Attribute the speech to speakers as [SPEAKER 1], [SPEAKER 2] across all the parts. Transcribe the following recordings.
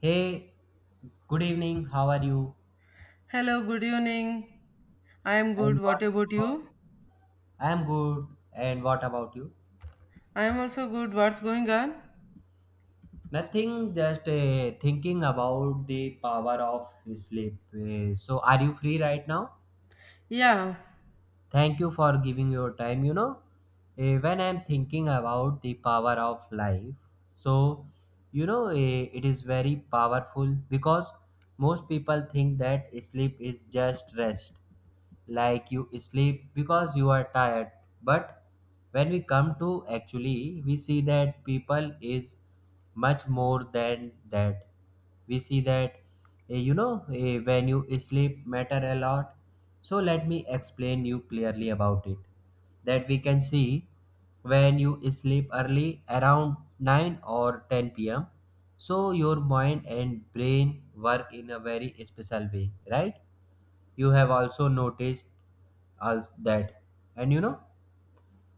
[SPEAKER 1] Hey, good evening. How are you?
[SPEAKER 2] Hello, good evening. I am good.
[SPEAKER 1] And
[SPEAKER 2] What
[SPEAKER 1] what's going
[SPEAKER 2] about
[SPEAKER 1] on?
[SPEAKER 2] you?
[SPEAKER 1] I'm good. And what about you?
[SPEAKER 2] I am also good. What's going on?
[SPEAKER 1] Nothing, just thinking about the power of sleep. Are you free right now?
[SPEAKER 2] Yeah.
[SPEAKER 1] Thank you for giving your time. When I'm thinking about the power of life, so it is very powerful because most people think that sleep is just rest, like you sleep because you are tired. But when we come to actually, we see that people is much more than that. We see that when you sleep matter a lot. So let me explain you clearly about it, that we can see when you sleep early around 9 or 10 p.m., so your mind and brain work in a very special way, right? You have also noticed all that. And you know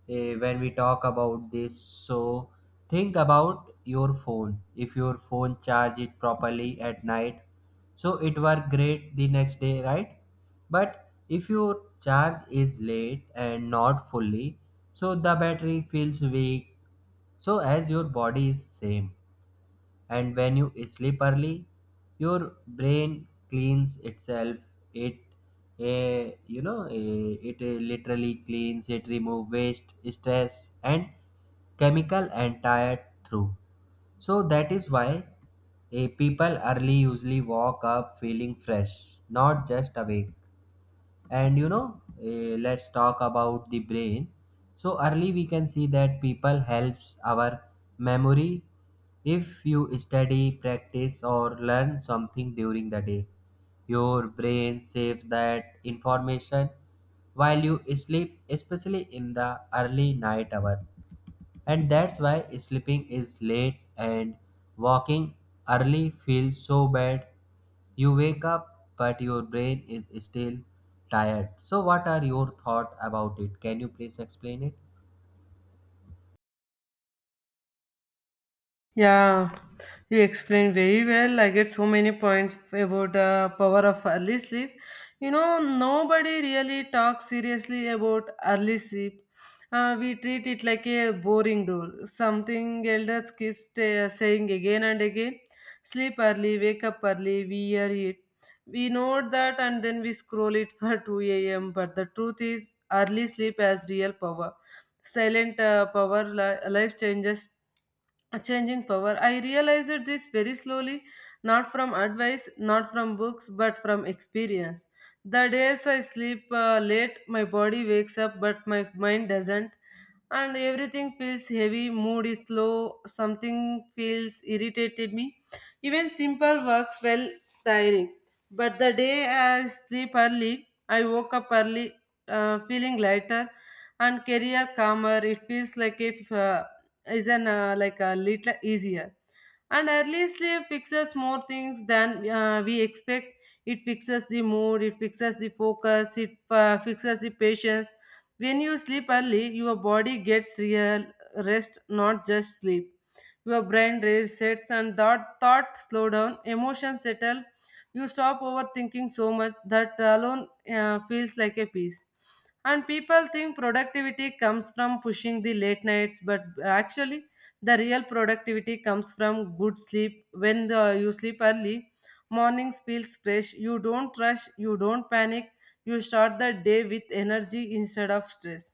[SPEAKER 1] eh, when we talk about this, so think about your phone. If your phone charge it properly at night, so it work great the next day, right? But if your charge is late and not fully, so the battery feels weak, so as your body is same. And when you sleep early, your brain cleans itself. It literally cleans, it remove waste, stress and chemical and tired through. So that is why, people early usually walk up feeling fresh, not just awake. And you know, let's talk about the brain. So early we can see that people helps our memory. If you study, practice or learn something during the day, your brain saves that information while you sleep, especially in the early night hour. And that's why sleeping is late and walking early feels so bad. You wake up, but your brain is still tired. So, what are your thoughts about it? Can you please explain it?
[SPEAKER 2] Yeah, you explained very well. I get so many points about the power of early sleep. You know, nobody really talks seriously about early sleep. We treat it like a boring rule, something elders keep saying again and again. Sleep early, wake up early, we hear it. We know that, and then we scroll it for 2 a.m. But the truth is, early sleep has real power, silent power, life changes, changing power. I realized this very slowly, not from advice, not from books, but from experience. The days I sleep late, my body wakes up but my mind doesn't, and everything feels heavy, mood is low, something feels irritated me. Even simple works felt tiring. But the day I sleep early, I woke up early, feeling lighter and career calmer. It feels like if is an like a little easier. And early sleep fixes more things than we expect. It fixes the mood, it fixes the focus, it fixes the patience. When you sleep early, your body gets real rest, not just sleep. Your brain resets and thought slow down, emotions settle. You stop overthinking so much. That alone feels like a peace. And people think productivity comes from pushing the late nights, but actually, the real productivity comes from good sleep. When the, you sleep early, mornings feels fresh. You don't rush. You don't panic. You start the day with energy instead of stress.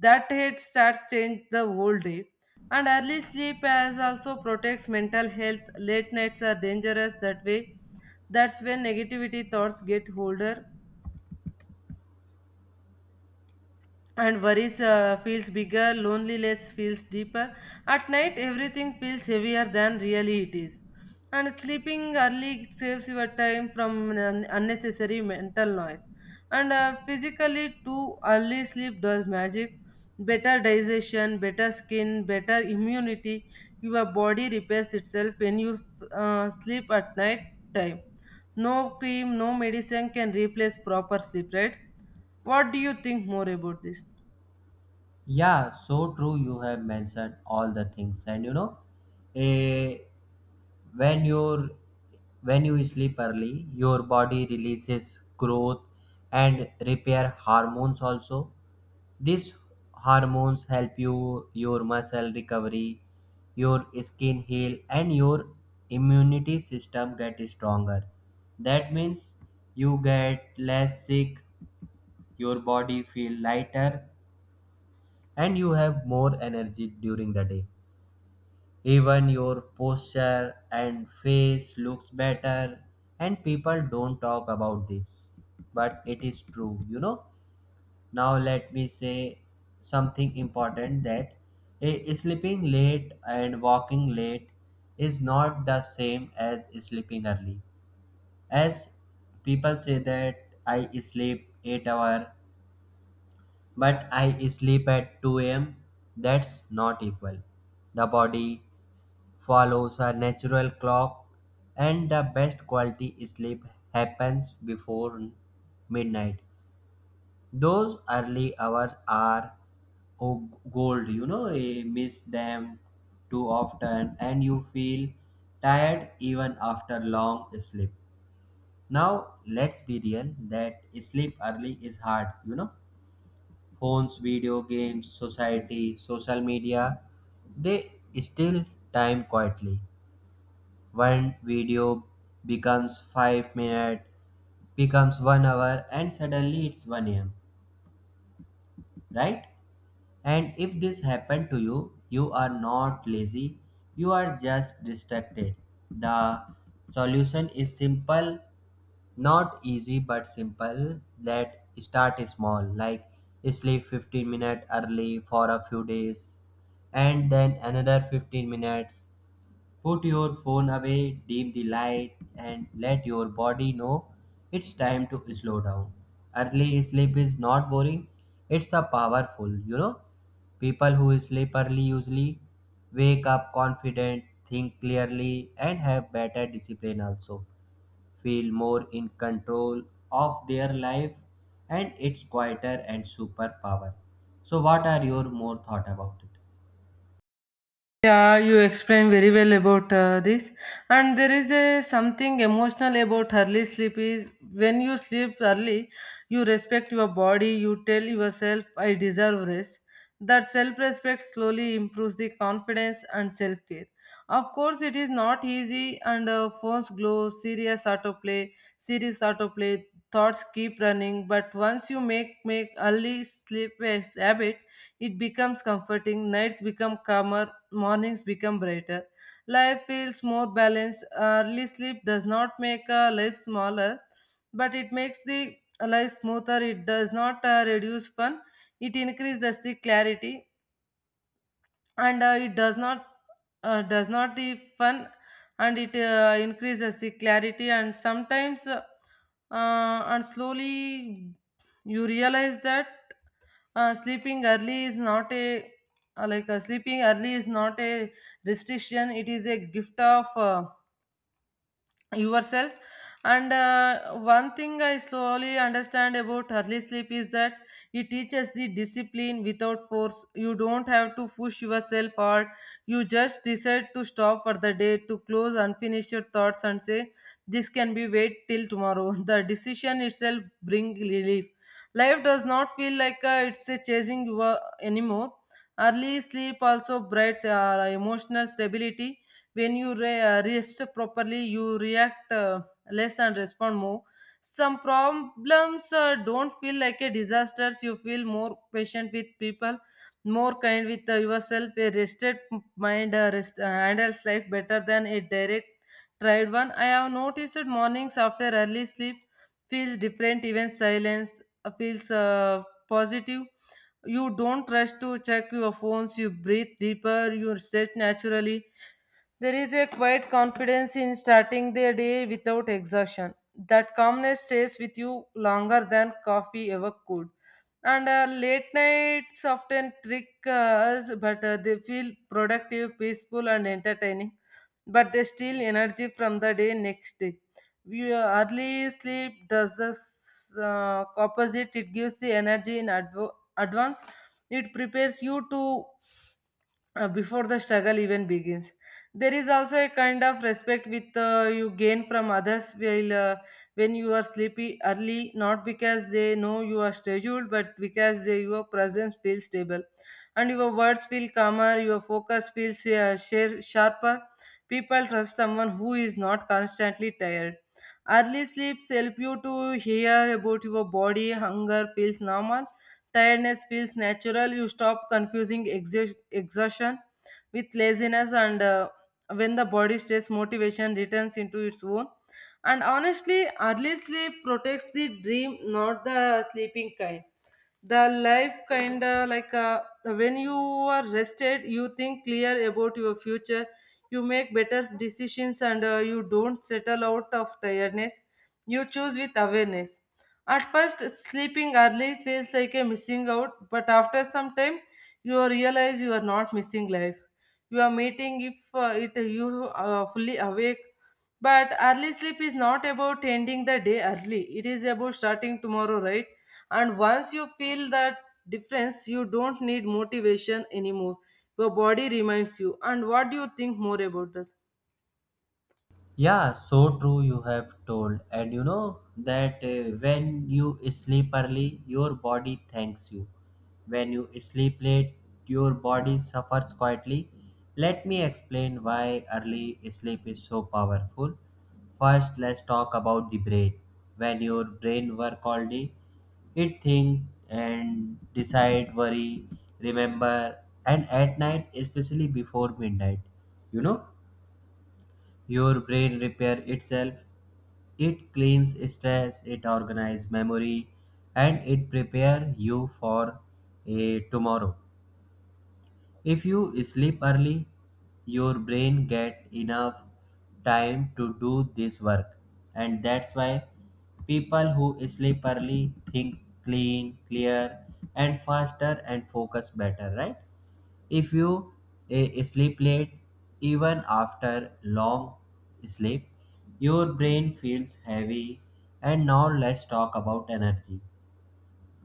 [SPEAKER 2] That head starts change the whole day. And early sleep as also protects mental health. Late nights are dangerous that way. That's when negativity thoughts get older and worries feels bigger, loneliness feels deeper. At night, everything feels heavier than really it is, and sleeping early saves your time from unnecessary mental noise. And physically too, early sleep does magic. Better digestion, better skin, better immunity. Your body repairs itself when you sleep at night time. No cream, no medicine can replace proper sleep, right? What do you think more about this?
[SPEAKER 1] Yeah, so true. You have mentioned all the things, and you know, eh, when you're when you sleep early, your body releases growth and repair hormones also. These hormones help you your muscle recovery, your skin heal, and your immunity system get stronger. That means you get less sick, your body feel lighter, and you have more energy during the day. Even your posture and face looks better, and people don't talk about this, but it is true. You know, now let me say something important, that sleeping late and walking late is not the same as sleeping early. As people say that I sleep 8 hour but I sleep at 2 a.m., that's not equal. The body follows a natural clock, and the best quality sleep happens before midnight. Those early hours are gold, you know. You miss them too often and you feel tired even after long sleep. Now, let's be real that sleep early is hard, you know. Phones, video games, society, social media, they steal time quietly. One video becomes 5 minutes, becomes 1 hour, and suddenly it's 1 a.m., right? And if this happened to you, you are not lazy, you are just distracted. The solution is simple, not easy but simple. That start small, like sleep 15 minutes early for a few days, and then another 15 minutes. Put your phone away, dim the light, and let your body know it's time to slow down. Early sleep is not boring, it's a powerful, you know. People who sleep early usually wake up confident, think clearly, and have better discipline also. Feel more in control of their life, and it's quieter and superpower. So, what are your more thought about it?
[SPEAKER 2] Yeah, you explain very well about this. And there is a something emotional about early sleep is when you sleep early, you respect your body, you tell yourself, I deserve rest. That self respect slowly improves the confidence and self care. Of course, it is not easy, and phones glow, serious autoplay, thoughts keep running. But once you make early sleep a habit, it becomes comforting, nights become calmer, mornings become brighter. Life feels more balanced. Early sleep does not make a life smaller, but it makes the life smoother. It does not reduce fun. It increases the clarity, and it does not the fun, and it increases the clarity. And sometimes and slowly you realize that sleeping early is not a uh, like uh, sleeping early is not a restriction, it is a gift of yourself. And one thing I slowly understand about early sleep is that it teaches the discipline without force. You don't have to push yourself hard, you just decide to stop for the day, to close unfinished thoughts and say this can be wait till tomorrow. The decision itself bring relief. Life does not feel like it's a chasing you anymore. Early sleep also brings emotional stability. When you rest properly, you react less and respond more. Some problems don't feel like a disasters. You feel more patient with people, more kind with yourself. A rested mind handles life better than a direct tried one. I have noticed that mornings after early sleep feels different. Even silence feels positive. You don't rush to check your phones, you breathe deeper, you stretch naturally. There is a quiet confidence in starting the day without exhaustion. That calmness stays with you longer than coffee ever could. And late nights often trick us, but they feel productive, peaceful, and entertaining. But they steal energy from the day next day. Early sleep does the opposite, it gives the energy in advance. It prepares you to before the struggle even begins. There is also a kind of respect with you gain from others while, when you are sleepy early, not because they know you are scheduled, but because they, your presence feels stable. And your words feel calmer, your focus feels sharper. People trust someone who is not constantly tired. Early sleeps help you to hear about your body. Hunger feels normal, tiredness feels natural. You stop confusing exhaustion with laziness, and when the body stays, motivation returns into its own. And honestly, early sleep protects the dream, not the sleeping kind, the life kind. Of like when you are rested, you think clear about your future, you make better decisions, and you don't settle out of tiredness, you choose with awareness. At first sleeping early feels like a missing out, but after some time you realize you are not missing life, you are meeting if it you are fully awake. But early sleep is not about ending the day early, it is about starting tomorrow, right? And once you feel that difference, you don't need motivation anymore. Your body reminds you. And what do you think more about that?
[SPEAKER 1] Yeah, so true you have told. And you know that when you sleep early, your body thanks you. When you sleep late, your body suffers quietly. Let me explain why early sleep is so powerful. First, let's talk about the brain. When your brain work all day, it think and decide, worry, remember, and at night, especially before midnight, you know, your brain repair itself. It cleans stress, it organizes memory, and it prepare you for a tomorrow. If you sleep early, your brain get enough time to do this work, and that's why people who sleep early think clean, clear, and faster and focus better. Right? If you sleep late, even after long sleep, your brain feels heavy. And now let's talk about energy.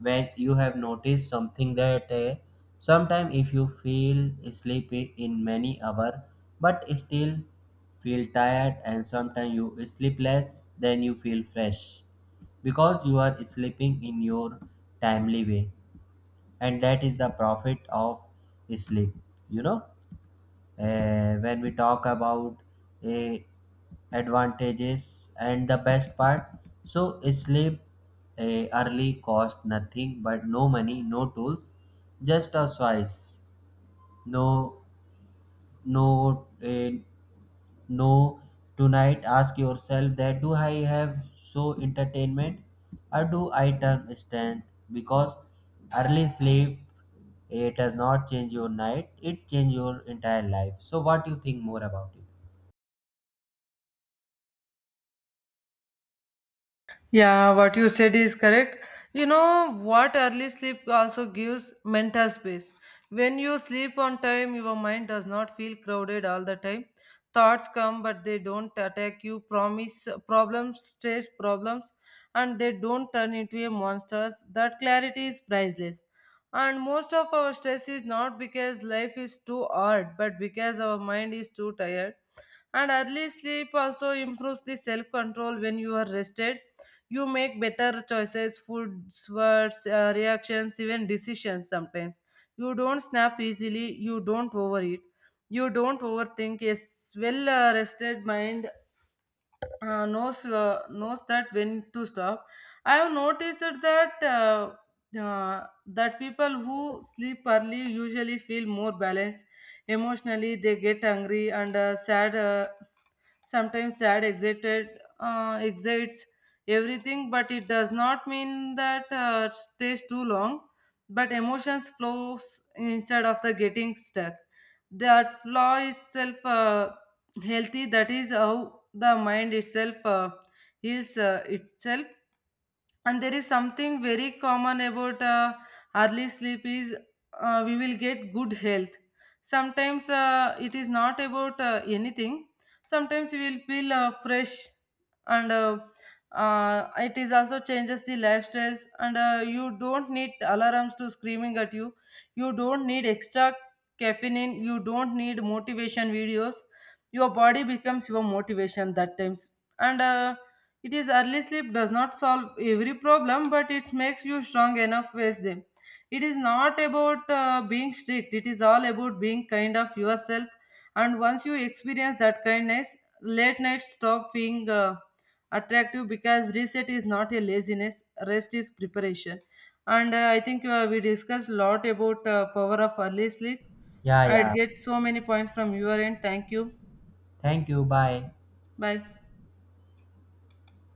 [SPEAKER 1] When you have noticed something, that sometime if you feel sleepy in many hour, but still feel tired, and sometimes you sleep less, then you feel fresh because you are sleeping in your timely way. And that is the profit of sleep, you know. When we talk about uh, advantages and the best part, so sleep uh, early cost nothing but no money, no tools, just a choice. No no uh, no tonight ask yourself, that do I have so entertainment or do I turn strength? Because early sleep, it does not change your night, it change your entire life. So what do you think more about it?
[SPEAKER 2] Yeah, what you said is correct. You know what, early sleep also gives mental space. When you sleep on time, your mind does not feel crowded all the time. Thoughts come, but they don't attack you. Promise problems, stress problems, and they don't turn into a monsters. That clarity is priceless. And most of our stress is not because life is too hard, but because our mind is too tired. And early sleep also improves the self control. When you are rested, you make better choices, foods, words, reactions, even decisions. Sometimes you don't snap easily, you don't overeat, you don't overthink. A well rested mind knows that when to stop. I have noticed that uh, that people who sleep early usually feel more balanced emotionally. They get angry and sad sometimes dad excited, excites everything, but it does not mean that stays too long. But emotions flows instead of the getting stuck. That flaw itself healthy. That is how the mind itself heals itself. And there is something very common about early sleep is we will get good health. Sometimes it is not about anything. Sometimes you will feel fresh, and it is also changes the lifestyles, and you don't need alarms to screaming at you, you don't need extra caffeine, you don't need motivation videos. Your body becomes your motivation that times. And it is early sleep does not solve every problem, but it makes you strong enough with them. It is not about being strict, it is all about being kind of yourself. And once you experience that kindness, late night stop being attractive, because reset is not a laziness, rest is preparation. And I think we discussed a lot about power of early sleep.
[SPEAKER 1] Yeah,
[SPEAKER 2] I'd
[SPEAKER 1] yeah.
[SPEAKER 2] get so many points from your end. Thank you.
[SPEAKER 1] Thank you. Bye.
[SPEAKER 2] Bye.